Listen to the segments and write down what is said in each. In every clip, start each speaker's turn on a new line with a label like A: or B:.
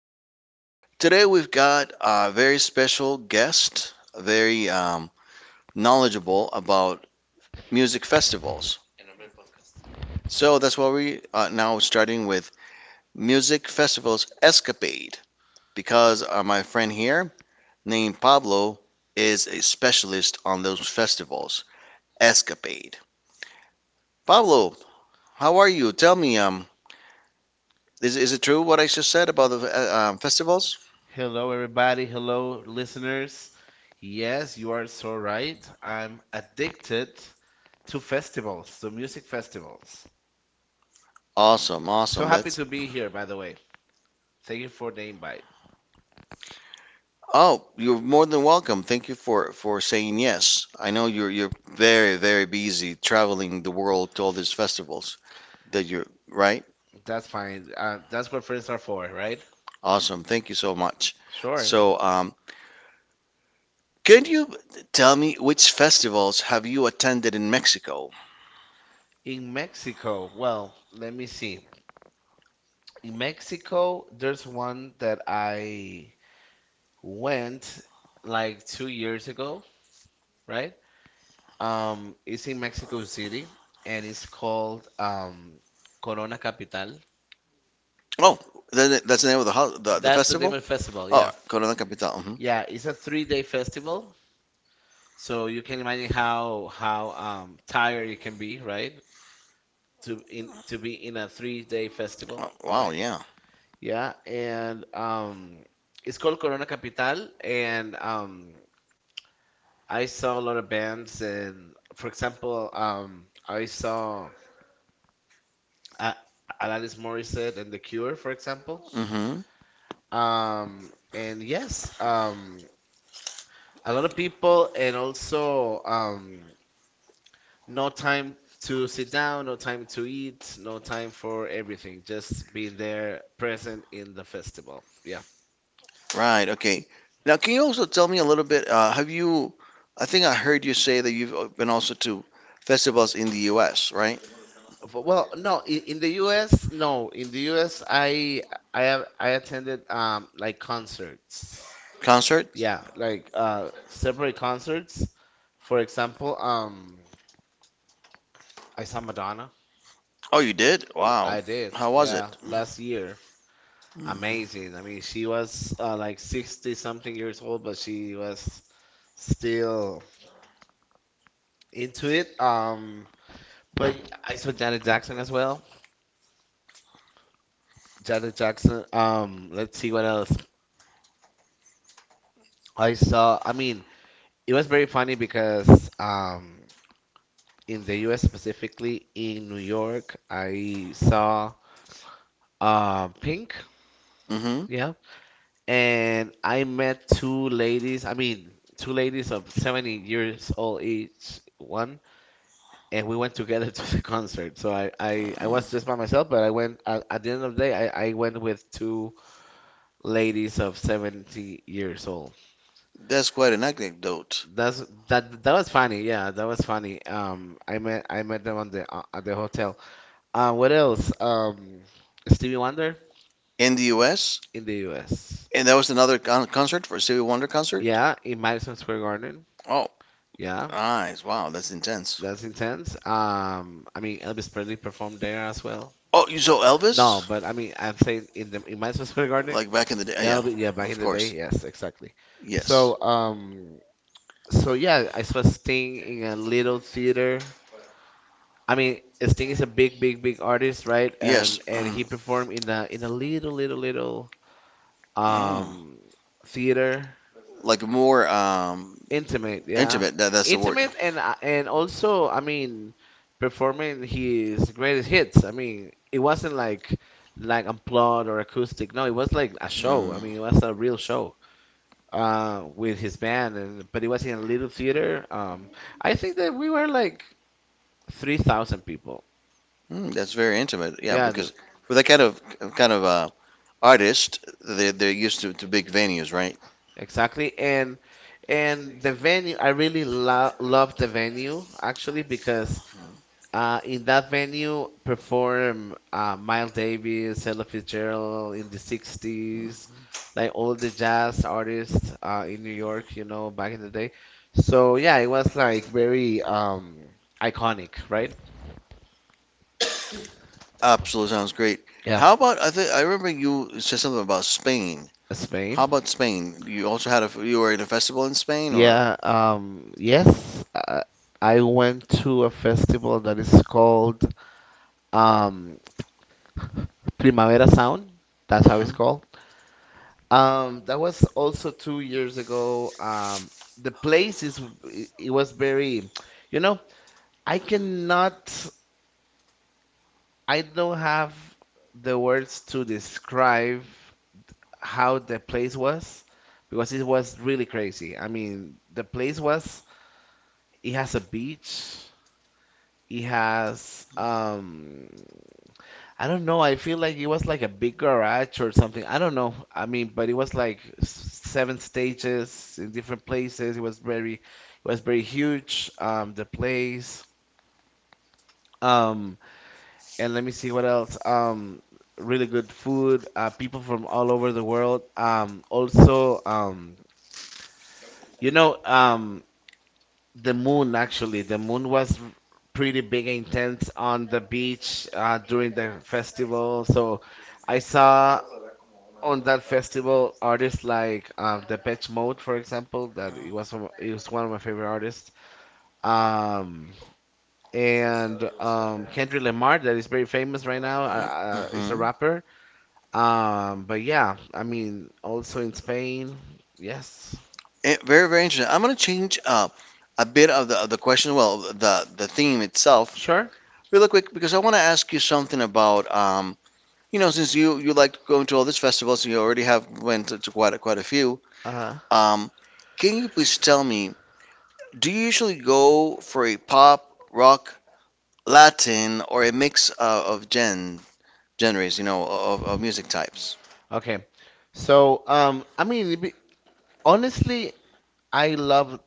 A: now. Today, we've got a very special guest, very knowledgeable about music festivals. So, that's why we are now starting with Music Festivals Escapade, because my friend here, named Pablo, is a specialist on those festivals. Escapade. Pablo, how are you? Tell me, is it true what I just said about the festivals?
B: Hello, everybody. Hello, listeners. Yes, you are so right. I'm addicted to festivals, to music festivals.
A: Awesome,
B: So
A: awesome.
B: happy
A: That's.
B: to be here, by the way. Thank you for the invite.
A: Oh, you're more than welcome. Thank you for saying yes. I know you're very, very busy traveling the world to all these festivals that you're right?
B: That's fine. That's what friends are for, right?
A: Awesome. Thank you so much.
B: Sure.
A: So, could you tell me which festivals have you attended in Mexico?
B: In Mexico, well, let me see. In Mexico, there's one that I went like 2 years ago, right? It's in Mexico City and it's called Corona Capital.
A: Oh, that's the name of the the
B: That's the name
A: festival?
B: of the festival,
A: Oh,
B: yeah.
A: Corona Capital. Hmm.
B: Yeah, it's a 3 day festival, so you can imagine how tired you can be, right? To be in a 3 day festival,
A: Oh, wow,
B: right?
A: yeah.
B: Yeah, and it's called Corona Capital and I saw a lot of bands, and for example, I saw uh, Alanis Morissette and The Cure, for example.
A: Hmm.
B: And yes, a lot of people, and also, no time to sit down, no time to eat, no time for everything, just being there present in the festival. Yeah.
A: Right, okay. Now, can you also tell me a little bit? I think I heard you say that you've been also to festivals in the US, right?
B: Well, no, in the US, no. In the US, I attended like concerts.
A: Concert?
B: Yeah, like separate concerts. For example, I saw Madonna.
A: Oh, you did? Wow.
B: I did,
A: How was it?
B: yeah, last year. Amazing. I mean, she was like 60 something years old, but she was still into it. But I saw Janet Jackson as well. Janet Jackson. Let's see what else I saw. I mean, it was very funny because, in the U.S., specifically in New York, I saw Pink.
A: Mm-hmm.
B: Yeah, and I met two ladies. I mean, two ladies of 70 years old each one, and we went together to the concert. So I was just by myself, but I went at the end of the day. I went with two ladies of 70 years old.
A: That's quite an anecdote.
B: That's that was funny. Yeah, that was funny. I met them on the at the hotel. What else? Stevie Wonder
A: In the US?
B: in the U.S.
A: And that was another concert for Stevie Wonder concert?
B: Yeah, in Madison Square Garden.
A: Oh,
B: Yeah.
A: nice. Wow, that's intense.
B: That's intense. I mean, Elvis Presley performed there as well.
A: Oh, you saw well. No,
B: No,
A: Elvis?
B: but I mean, I'm saying in the in my specific garden,
A: Like back in the day? Yeah,
B: Elvis. Yeah,
A: is
B: back in
A: of
B: the day.
A: course.
B: Yes, exactly.
A: Yes.
B: So, um, so yeah, I saw Sting in a little theater. I mean, Sting is
A: A
B: a big, big, big artist,
A: bit.
B: right?
A: Yes.
B: And he
A: Mm.
B: performed in a little, little, little
A: Um. Mm.
B: um theater.
A: Like more
B: Intimate, yeah.
A: intimate. That's the word.
B: Intimate
A: Intimate.
B: and, and also, I mean, performing his greatest hits. I mean, it wasn't like unplugged or acoustic. No, it was like a show.
A: Mm.
B: I mean, it was a real show, with his band, and but it was in a little theater. I think that we were like 3,000 people.
A: Mm, that's very intimate. Yeah, yeah,
B: Yeah, the,
A: because for that kind of kind of uh, artist, they're used to big venues, right?
B: exactly. And the venue, I really lo love the venue actually. Because, in that venue, perform Miles Davis, Ella Fitzgerald in the 60s,
A: Mhm.
B: like all the jazz artists, in New York, you know, back in the day. So yeah, it was like very, iconic, right?
A: Absolutely, sounds great.
B: Yeah.
A: How about, I think I remember you said something about Spain.
B: Spain.
A: How about Spain? You also had a, you were in a festival in Spain or?
B: Yeah, yes, I went to a festival that is called, um, Primavera Sound. That's how it's
A: Hmm.
B: called. That was also 2 years ago. The place is it it was very, you know, I cannot, I don't have the words to describe how the place was, because it was really crazy. I mean, the place was it has a beach, it has I don't know. I feel like it was like a big garage or something. I don't know. I mean, but it was like seven stages in different places. It was very huge. The place. Um, and let me see what else. Really good food. People from all over the world. Also, you know, um, the moon actually. The moon was pretty big and intense on the beach, during the festival. So. I saw on that festival, artists like, Depeche Mode, for example, that it was one of my favorite artists, um, and Kendrick Lamar, that is very famous right now, is a
A: Hmm.
B: rapper. But yeah, I mean, also in Spain, yes,
A: Eh, very, very interesting. I'm gonna change a bit of the question. Well, the theme itself,
B: sure.
A: really quick, because I want to ask you something about you know, since you like going to all these festivals, you already have went to quite a, quite a few.
B: Uh,
A: Um, can you please tell me, do you usually go for a pop, rock, Latin, or a mix of genres? You know, of music types.
B: okay, so I mean, honestly, I love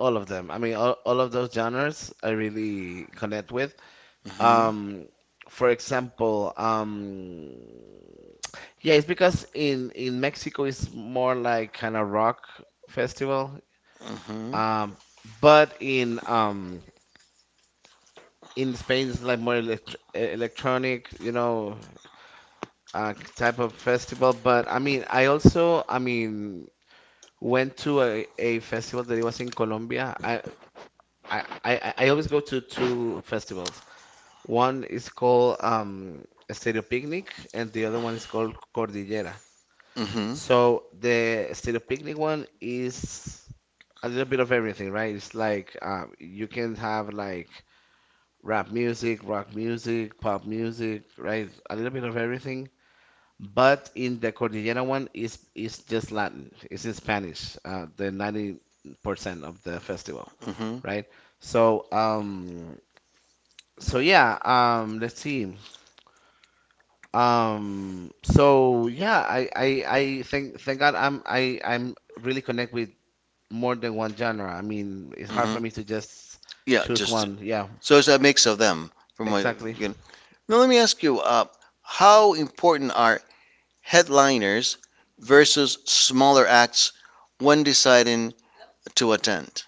B: all of them. I mean, all of those genres, I really connect with. Um, for example, yeah, it's because in Mexico it's more like kind of rock festival.
A: Mm-hmm.
B: Um, but in Spain it's like more electronic, you know, type of festival. But I mean, I also, I mean, went to a festival that it was in Colombia. I always go to two festivals. One is called, Stereo Picnic, and the other one is called Cordillera.
A: Mm-hmm. Um, mm-hmm.
B: So the Stereo Picnic one is a little bit of everything, right? It's like, you can have like rap music, rock music, pop music, right? A little bit of everything. But in the Cordillera one is just Latin. It's in Spanish. The 90% of the festival,
A: Mm-hmm.
B: right? So um, so yeah. Let's see. So yeah, I think thank God I'm I, I'm really connect with more than one genre. I mean, it's hard for
A: Mm-hmm.
B: me to just
A: Yeah,
B: choose
A: just
B: one. Yeah,
A: so it's a mix of them, from what
B: exactly.
A: you know. Now let me ask you, how important are headliners versus smaller acts when deciding to attend?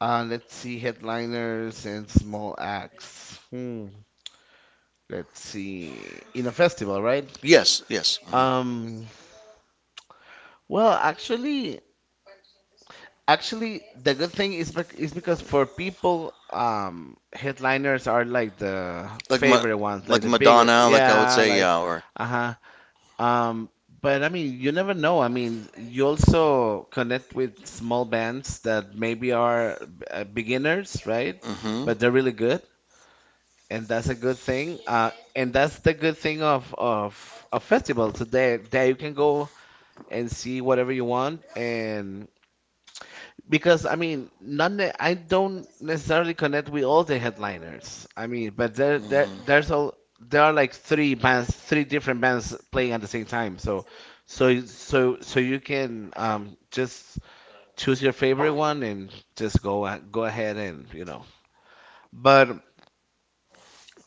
B: Let's see, headliners and small acts. Hmm. Let's see. In a festival, right?
A: Yes, yes, mhm.
B: Um, well, actually, the good thing is because for people, headliners are like the
A: Like Ma like
B: favorite ones, like the bigger,
A: Madonna, like I would
B: yeah,
A: say,
B: like,
A: yeah, or
B: uh-huh. Um, but I mean, you never know. I mean, you also connect with small bands that maybe are, beginners, right?
A: mm-hmm.
B: But they're really good, and that's a good thing. And that's the good thing of festivals. So there you can go and see whatever you want, and because I mean, none. Ne- I don't necessarily connect with all the headliners. I mean, but there are like three bands, three different bands playing at the same time. So you can just choose your favorite one and just go ahead and you know. But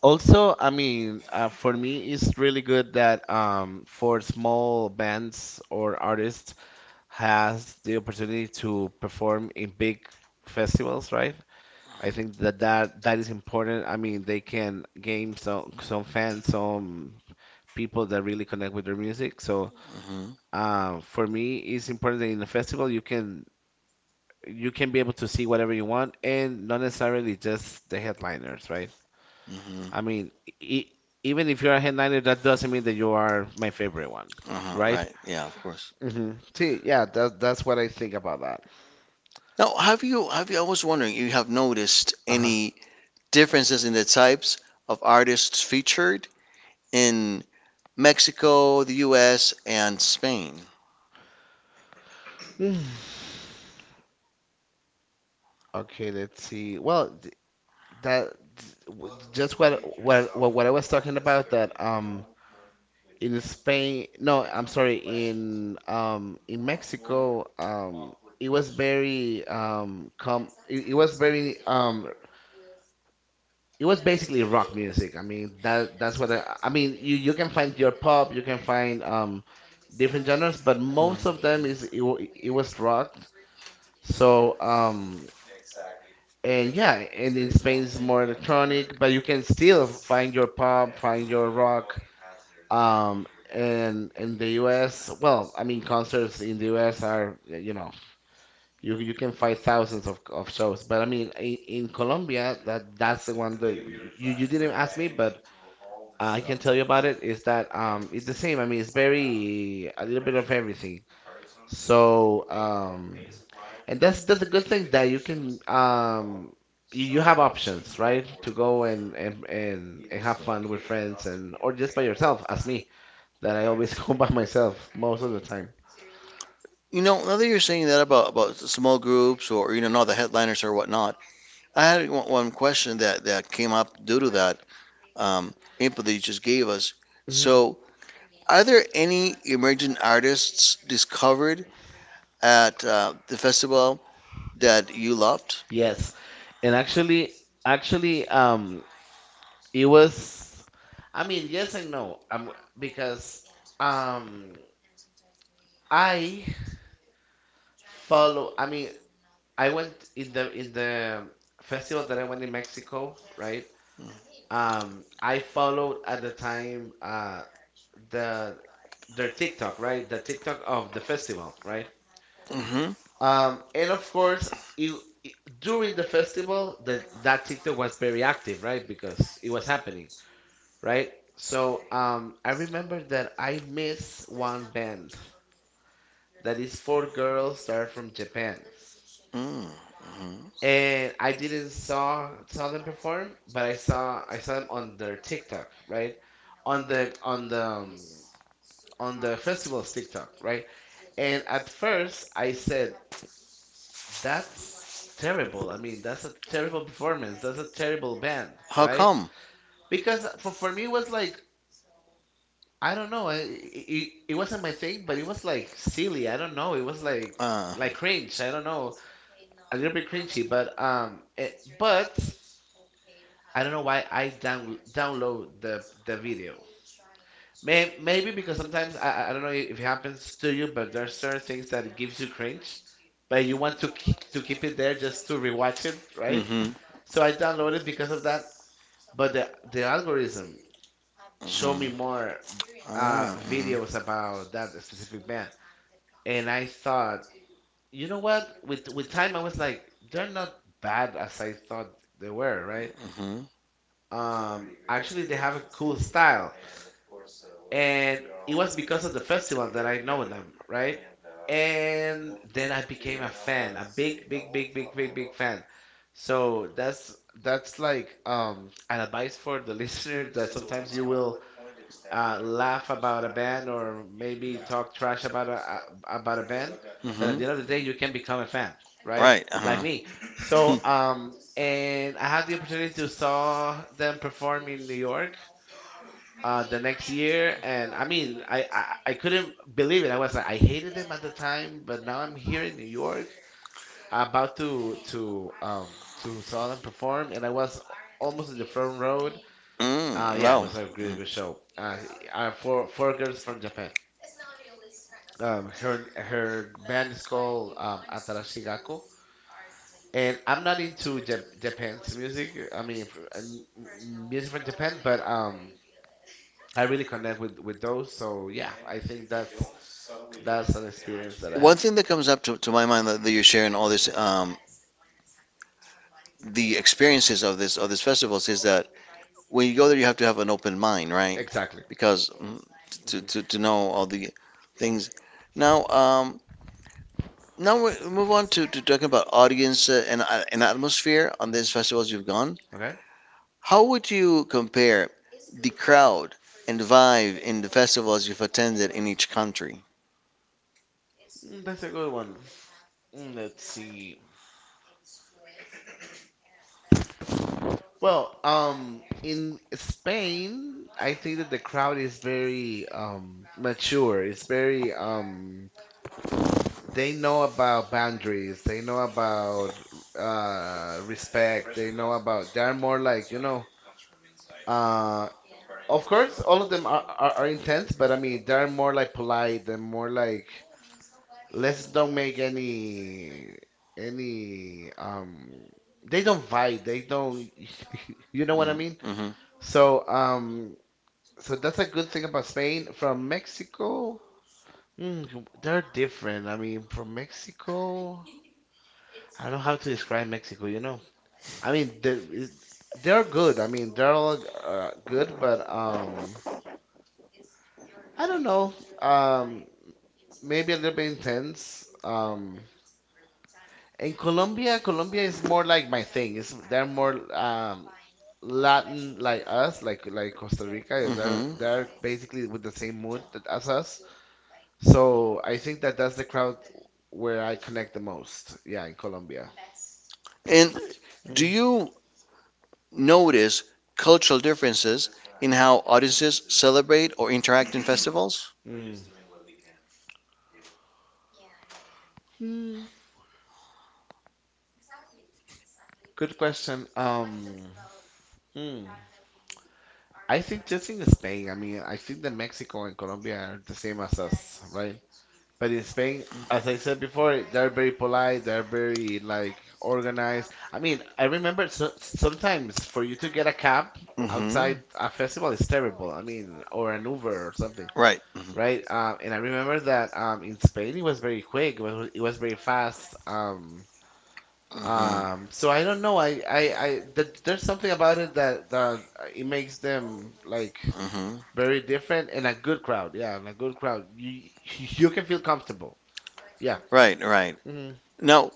B: also, I mean, for me, it's really good that for small bands or artists has the opportunity to perform in big festivals, right? I think that is important. I mean, they can gain some fans, some people that really connect with their music. So,
A: Mm-hmm.
B: for me, it's important that in the festival you can be able to see whatever you want and not necessarily just the headliners, right? I
A: Mm-hmm.
B: mean, e even if you're a headliner, that doesn't mean that you are my favorite one,
A: Uh-huh.
B: right?
A: Right. Yeah, of course.
B: Hmm. See, yeah, that's what I think about that.
A: Now, have you I was wondering, you have noticed
B: Uh-huh.
A: any differences in the types of artists featured in Mexico, the US, and Spain.
B: Hmm. Okay, let's see. Well, that just what I was talking about, that in Spain, no, I'm sorry, in, in Mexico, it was very com it was very it was basically rock music. I mean that's what I mean, you can find your pop, you can find, different genres, but most of them it was rock. so um And yeah, and in Spain it's more electronic, but you can still find your pop, find your rock. Um, and in the U.S., well, I mean, concerts in the U.S. are, you know, you can find thousands of shows. But I mean, in Colombia, that's the one that you didn't ask me, but, I can tell you about it. Is that, it's the same. I mean, it's very a little bit of everything. So, and that's a good thing that you can you have options, right? To go and, and have fun with friends, and or just by yourself, as me, that I always go by myself most of the time.
A: You know, now that you're saying that about small groups, or, you know, not the headliners or whatnot, I had one question that, that came up due to that um, input that you just gave us.
B: Mhm.
A: So, are there any emerging artists discovered at the festival that you loved?
B: Yes. And actually it was I mean, yes and no. Because um I follow I mean, I went in the festival that I went in Mexico, right? I followed at the time, the their TikTok, right? The TikTok of the festival, right?
A: Mm-hmm.
B: And of course, it, it- during the festival, that TikTok was very active, right? Because it was happening, right? So, I remember that I miss one band that is four girls that are from Japan,
A: Mm-hmm.
B: and I didn't saw them perform, but I saw them on their TikTok, right? On the on the festival's TikTok, right? And at first I said, that's terrible. I mean, that's a terrible performance. That's a terrible band,
A: How
B: right?
A: come?
B: Because for me, it was like, I don't know. It wasn't my thing, but it was like silly. I don't know. It was like,
A: Uh,
B: cringe. I don't know. A little bit cringy, but, but I don't know why I download the video. Maybe because sometimes I don't know if it happens to you, but there are certain things that it gives you cringe, but you want to keep it there just to rewatch it,
A: Mm-hmm.
B: right?
A: Mm-hmm.
B: So I downloaded because of that, but the algorithm showed me more
A: Ah, mhm,
B: videos about that specific band, and I thought, you know what? With time, I was like, they're not bad as I thought they were, right?
A: mhm,
B: Actually, they have a cool style. And it was because of the festival that I know them, right? And then I became a fan, a big, big, big, big, big, big fan. So that's like an advice for the listener that sometimes you will laugh about a band or maybe talk trash about a about a band,
A: at
B: but at the end of the day you
A: mhm.
B: can become a fan, right?
A: Right.
B: Like
A: Uh-huh.
B: me. So and I had the opportunity to saw them perform in New York the next year, and I mean, I couldn't believe it. I was like, I hated them at the time, but now I'm here in New York, about to saw them perform, and I was almost in the front row.
A: Mm,
B: Yeah, it
A: no.
B: was a really good show. Four girls from Japan. Her band is called Atarashigako. And I'm not into Japan's music. I mean, music from Japan, but I really connect with those. So yeah, I think that's an experience that I
A: One
B: had.
A: thing that comes up to my mind, that, that you're sharing all this, the experiences of this, of these festivals, is that when you go there, you have to have an open mind, right?
B: Exactly.
A: Because mm, to,
B: Mhm.
A: to know all the things. Now, now we move on to talking about audience and atmosphere on
B: Mm,
A: these festivals you've gone.
B: Okay.
A: How would you compare the crowd and vibe in the festivals you've attended in each country?
B: That's a good one. Let's see. Well, in Spain, I think that the crowd is very mature. It's very They know about boundaries. They know about respect. They're more like, you know, uh of course, all of them are intense, but I mean, they're more like polite and more like let's don't make any any um they don't fight, they don't you know what I mean?
A: Hmm.
B: So um so that's a good thing about Spain. From Mexico, they're different. I mean, from Mexico, I don't know how to describe Mexico, you know. I mean, they're good. I mean, they're all good, but I don't know. Um Maybe a little bit intense. In Colombia, Colombia is more like my thing. It's they're more Latin like us, like Costa Rica. They're
A: Hmm.
B: they're basically with the same mood that, as us. So I think that that's the crowd where I connect the most. Yeah, in Colombia.
A: And do
B: Mhm.
A: you notice cultural differences in how audiences celebrate or interact in festivals?
B: Mm. Hmm. Good question. Mm. I think just in Spain, I mean, I think that Mexico and Colombia are the same as us, right? But in Spain, as I said before, they're very polite, they're very like organized. I mean, I remember so, sometimes for you to get a cab
A: Hmm.
B: outside a festival is terrible. I mean, or an Uber or something,
A: Right. Hmm.
B: right? And I remember that in Spain it was very quick, it was very fast.
A: Hmm.
B: So I don't know. I th there's something about it that it makes them like
A: Uh, hmm.
B: very different and a good crowd. Yeah, and a good crowd. You you can feel comfortable. Yeah.
A: Right, right. Now,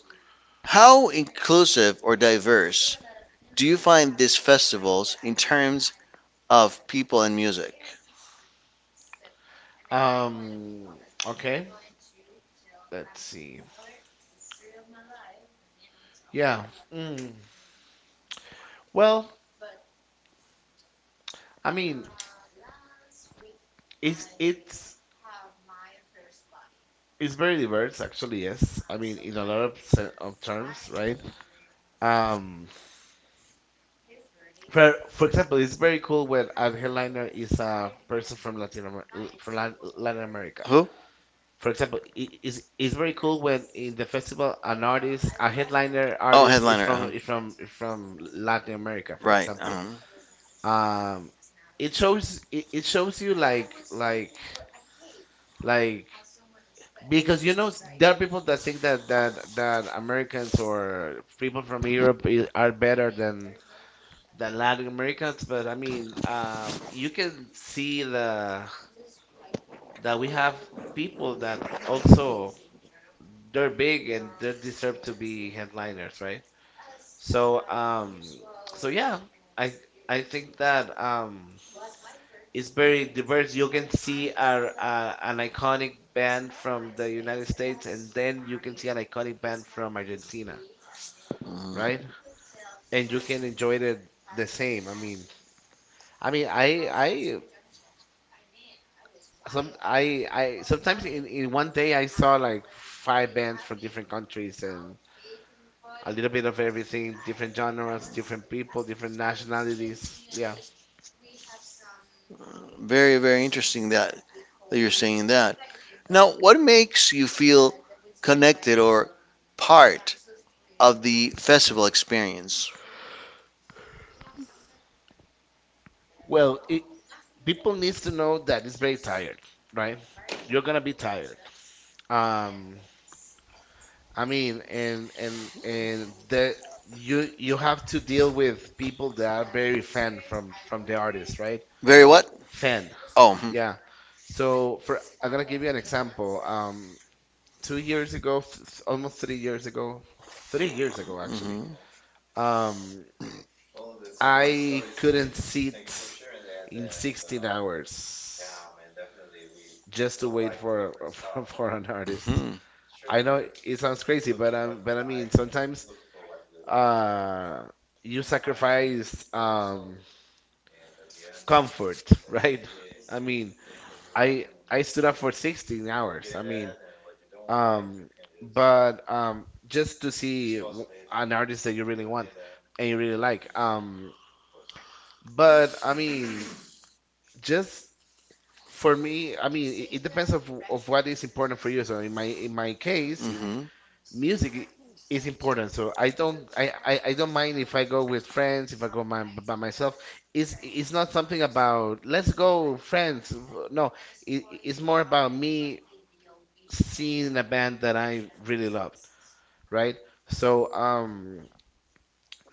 A: how inclusive or diverse do you find these festivals in terms of people and music?
B: Um, okay, let's see. Yeah. Mm. Well, I mean, it's it's it's very diverse actually, yes. I mean, in a lot of of terms, right? Um, for example, it's very cool when a headliner
A: With.
B: is a person from Latin Amer l- from Lat- Latin America.
A: Who?
B: For example, it's very cool when in the festival an artist, a headliner
A: Oh,
B: artist is
A: headliner. Uh-huh.
B: from is from is
A: From.
B: from Latin America, for
A: Right.
B: example.
A: Example.
B: um it shows it shows you like because you know there are people that think that Americans or people from Europe are better than Latin Americans, but I mean, you can see the that we have people that also they're big and they deserve to be headliners, right? So um, so yeah, I I think that is very diverse. You can see an iconic band from the United States, and then you can see an iconic band from Argentina,
A: Uh.
B: right? And you can enjoy it the same. I mean, I sometimes in one day I saw like five bands from different countries and a little bit of everything, different genres, different people, different nationalities. Yeah.
A: Very, very interesting that, that you're saying that. Now, what makes you feel connected or part of the festival experience.
B: Well, people needs to know that it's very tired, right? You're gonna be tired. Um, I mean, and the you have to deal with people that are very fan from the artist, right?
A: Very what?
B: Fan,
A: Oh, mhm.
B: yeah. So for I'm gonna give you an example. 2 years ago, almost 3 years ago, 3 years ago actually.
A: Mhm.
B: Um, I couldn't sit in 16 hours just to wait for for an artist.
A: Mhm.
B: I know it sounds crazy, but I mean sometimes uh, you sacrifice comfort, right? I mean, I stood up for 16 hours. I mean, um, but just to see an artist that you really want and you really like. But I mean, just for me, I mean, it depends of what is important for you. So in my case, in
A: Mhm.
B: music is important, so I don't mind if I go with friends, if by myself. It's not something about let's go friends, no. It's more about me seeing a band that I really loved, right? so um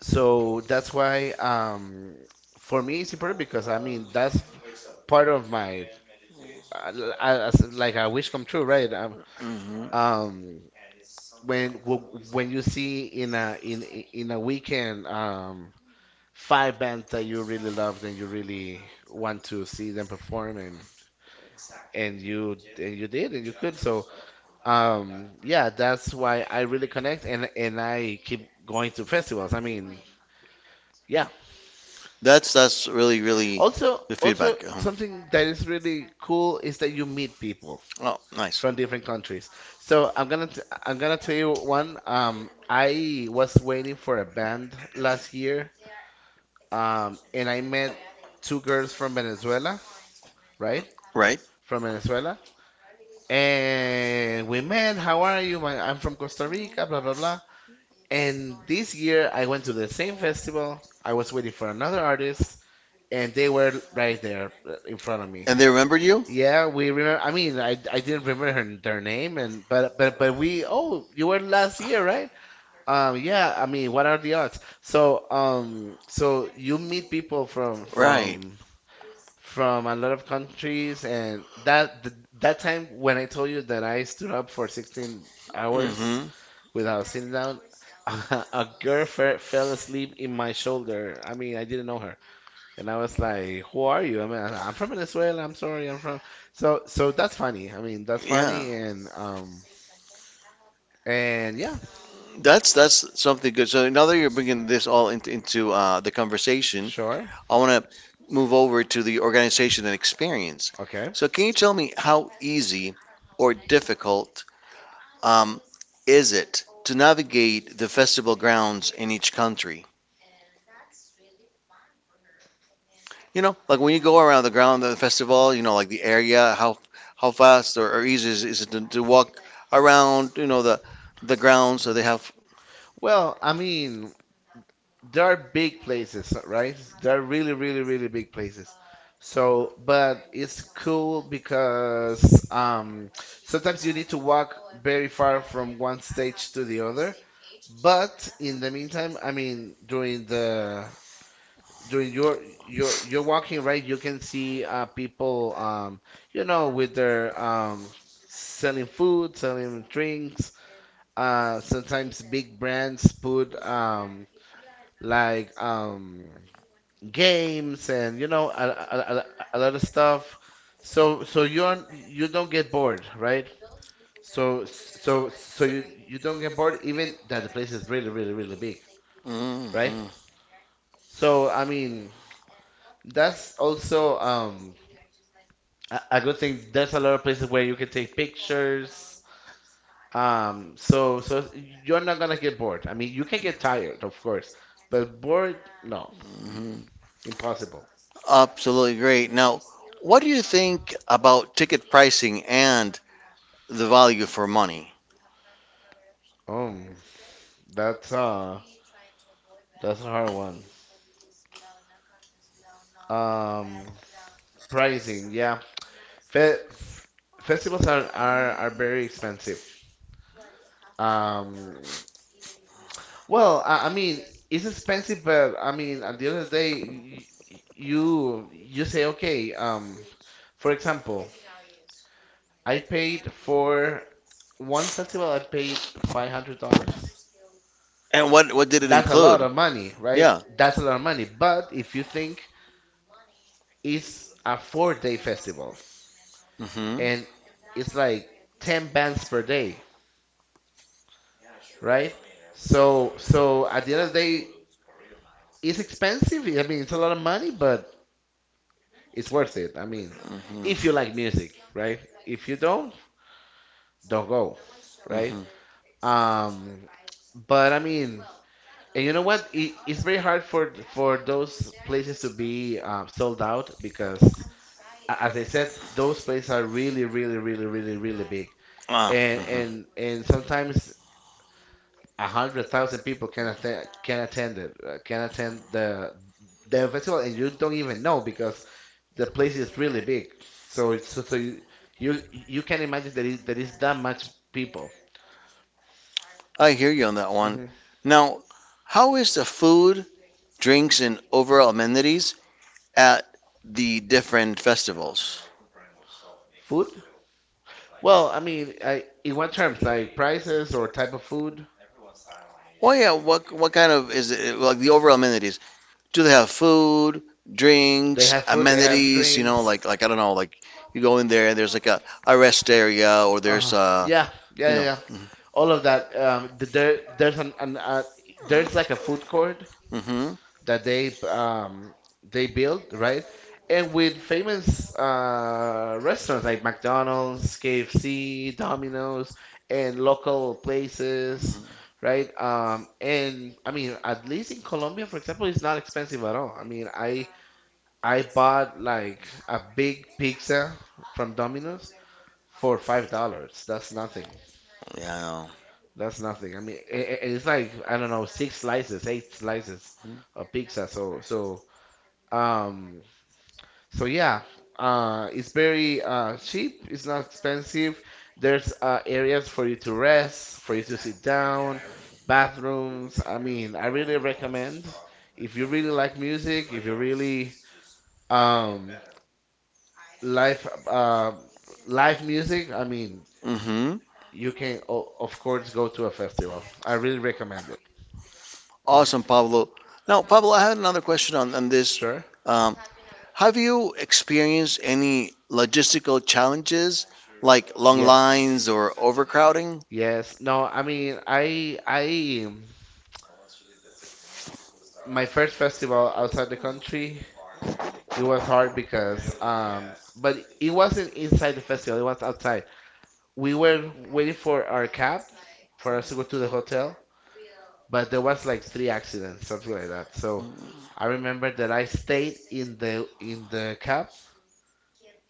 B: so that's why for me it's important, because I mean that's part of my like a wish come true, right?
A: Mhm.
B: Um when when you see in a in in a weekend five bands that you really loved and you really want to see them perform, and you did and you could. So yeah, that's why I really connect, and I keep going to festivals. I mean, yeah.
A: That's really really
B: also
A: the feedback.
B: also something that is really cool is that you meet people
A: Uh-huh. Oh, nice.
B: from different countries. I'm gonna tell you one. I was waiting for a band last year, and I met two girls from Venezuela, right?
A: Right?
B: From Venezuela. And we met, how are you? I'm from Costa Rica, blah, blah, blah. And this year I went to the same festival. I was waiting for another artist, and they were right there in front of me.
A: And they remember you?
B: Yeah, we remember. I mean, I didn't remember her, their name, and but we. Oh, you were last year, right? Yeah. I mean, what are the odds? So you meet people from
A: Right.
B: from from a lot of countries, and that time when I told you that I stood up for 16 hours
A: Mhm.
B: without sitting down, a girl fe fell asleep in my shoulder. I mean, I didn't know her, and I was like, "Who are you?" I mean, I'm from Venezuela. I'm sorry, I'm from. So, that's funny. I mean, that's
A: Yeah,
B: funny,
A: something.
B: and yeah.
A: That's something good. So now that you're bringing this all into the conversation,
B: Sure,
A: I want to move over to the organization and experience.
B: okay.
A: So, can you tell me how easy or difficult um, is it to navigate the festival grounds in each country? You know, like when you go around the ground of the festival, you know, like the area, how fast or easy is it to walk around, you know, the grounds so they have.
B: Well, I mean, they are big places, right? They are really, really, really big places. So, but it's cool because sometimes you need to walk very far from one stage to the other. But in the meantime, I mean, during your walking, right, you can see people, you know, with their selling food, selling drinks. Sometimes big brands put like games, and you know, a lot of stuff, so you aren't you don't get bored, right? So you don't get bored even that the place is really really really big, right?
A: Mhm,
B: So I mean, that's also a good thing. There's a lot of places where you can take pictures, so you're not gonna get bored. I mean, you can get tired, of course, but bored, no.
A: mhm.
B: Impossible.
A: Absolutely great. Now, what do you think about ticket pricing and the value for money?
B: um that's uh that's a hard one. Um, pricing, yeah. Fe f festivals are very expensive. Um, well, I mean, it's expensive, but I mean, at the end of the day, you say, okay, for example, I paid for one festival, I paid $500.
A: And what did it
B: That's a lot
A: include?
B: of money, right?
A: Yeah.
B: That's a lot of money. But if you think, it's a four-day festival
A: Hmm. And
B: and it's like 10 bands per day, right? So at the end of the day, it's expensive. I mean, it's a lot of money, but it's worth it. I mean, if you
A: hmm,
B: like music, right? If you don't go,
A: right?
B: right?
A: Hmm.
B: Um, but I mean, and you know what? It's very hard for those places to be sold out, because as I said, those places are really, really, really, really, really big,
A: Ah,
B: and
A: hmm.
B: and and sometimes 100,000 people can attend the festival and you don't even know, because the place is really big. So you can imagine that is there is that much people.
A: I hear you on that one.
B: Hmm.
A: Now, how is the food, drinks, and overall amenities at the different festivals?
B: Food, well, I mean, in what terms, like prices or type of food?
A: Well, yeah, what kind of, is it like the overall amenities? Do they have food,
B: They
A: drinks,
B: have food, they have
A: amenities, you know,
B: drinks.
A: like I don't know, like you go in there and there's like a rest area or there's
B: uh,
A: a,
B: yeah, yeah,
A: you
B: yeah,
A: know,
B: yeah.
A: yeah.
B: All of that. Th- there, there's an there's like a food court
A: Mm-hmm,
B: that they built, right? And with famous restaurants like McDonald's, KFC, Domino's, and local places, right? And I mean, at least in Colombia, for example, it's not expensive at all. I mean, I bought like a big pizza from Domino's for $5. That's nothing.
A: yeah,
B: That's nothing. I mean, and it's like I don't know, six slices, eight slices of pizza. So. Um, So, yeah, it's very cheap. It's not expensive. There's areas for you to rest, for you to sit down, bathrooms. I mean, I really recommend, if you really like music, if you really um, live uh, live music. I mean,
A: mm-hmm.
B: you can of course go to a festival. I really recommend it.
A: Awesome,
B: Mm.
A: Pablo. Now, Pablo, I had another question on this.
B: Sure.
A: Um, have you experienced any logistical challenges like long lines
B: Yes.
A: or overcrowding?
B: Yes. No, I mean, I my first festival outside the country, it was hard because but it wasn't inside the festival, it was outside. We were waiting for our cab for us to go to the hotel, but there was like three accidents, something like that. So I remember that I stayed in the cab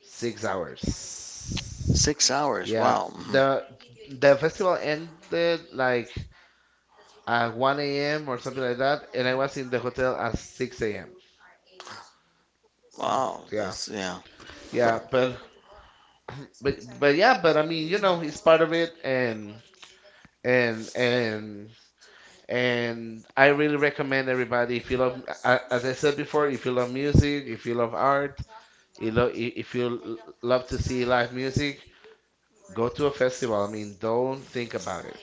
B: 6 hours.
A: 6 hours.
B: Yeah.
A: Wow.
B: The
A: Mhm.
B: the festival ended like at 1 a.m. or something like that, and I was in the hotel at 6 a.m.
A: Wow.
B: Yeah.
A: That's, yeah.
B: Yeah, but I mean, you know, it's part of it, and and I really recommend everybody, if you love, as I said before, if you love music, if you love art, you lo- I- if you l- love to see live music, go to a festival. I mean, don't think about it.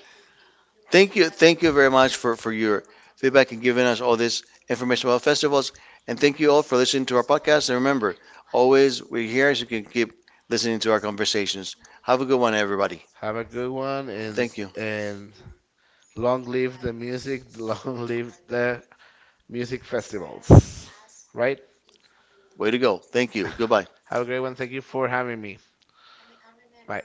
A: Thank you. Thank you very much for your feedback and giving us all this information about festivals. And thank you all for listening to our podcast. And remember, always we're here so you can keep listening to our conversations. Have a good one, everybody.
B: Have a good one, and
A: Thank you.
B: and long live the music, long live the music festivals, right?
A: Way to go. Thank you. Goodbye.
B: Have a great one. Thank you for having me. Bye.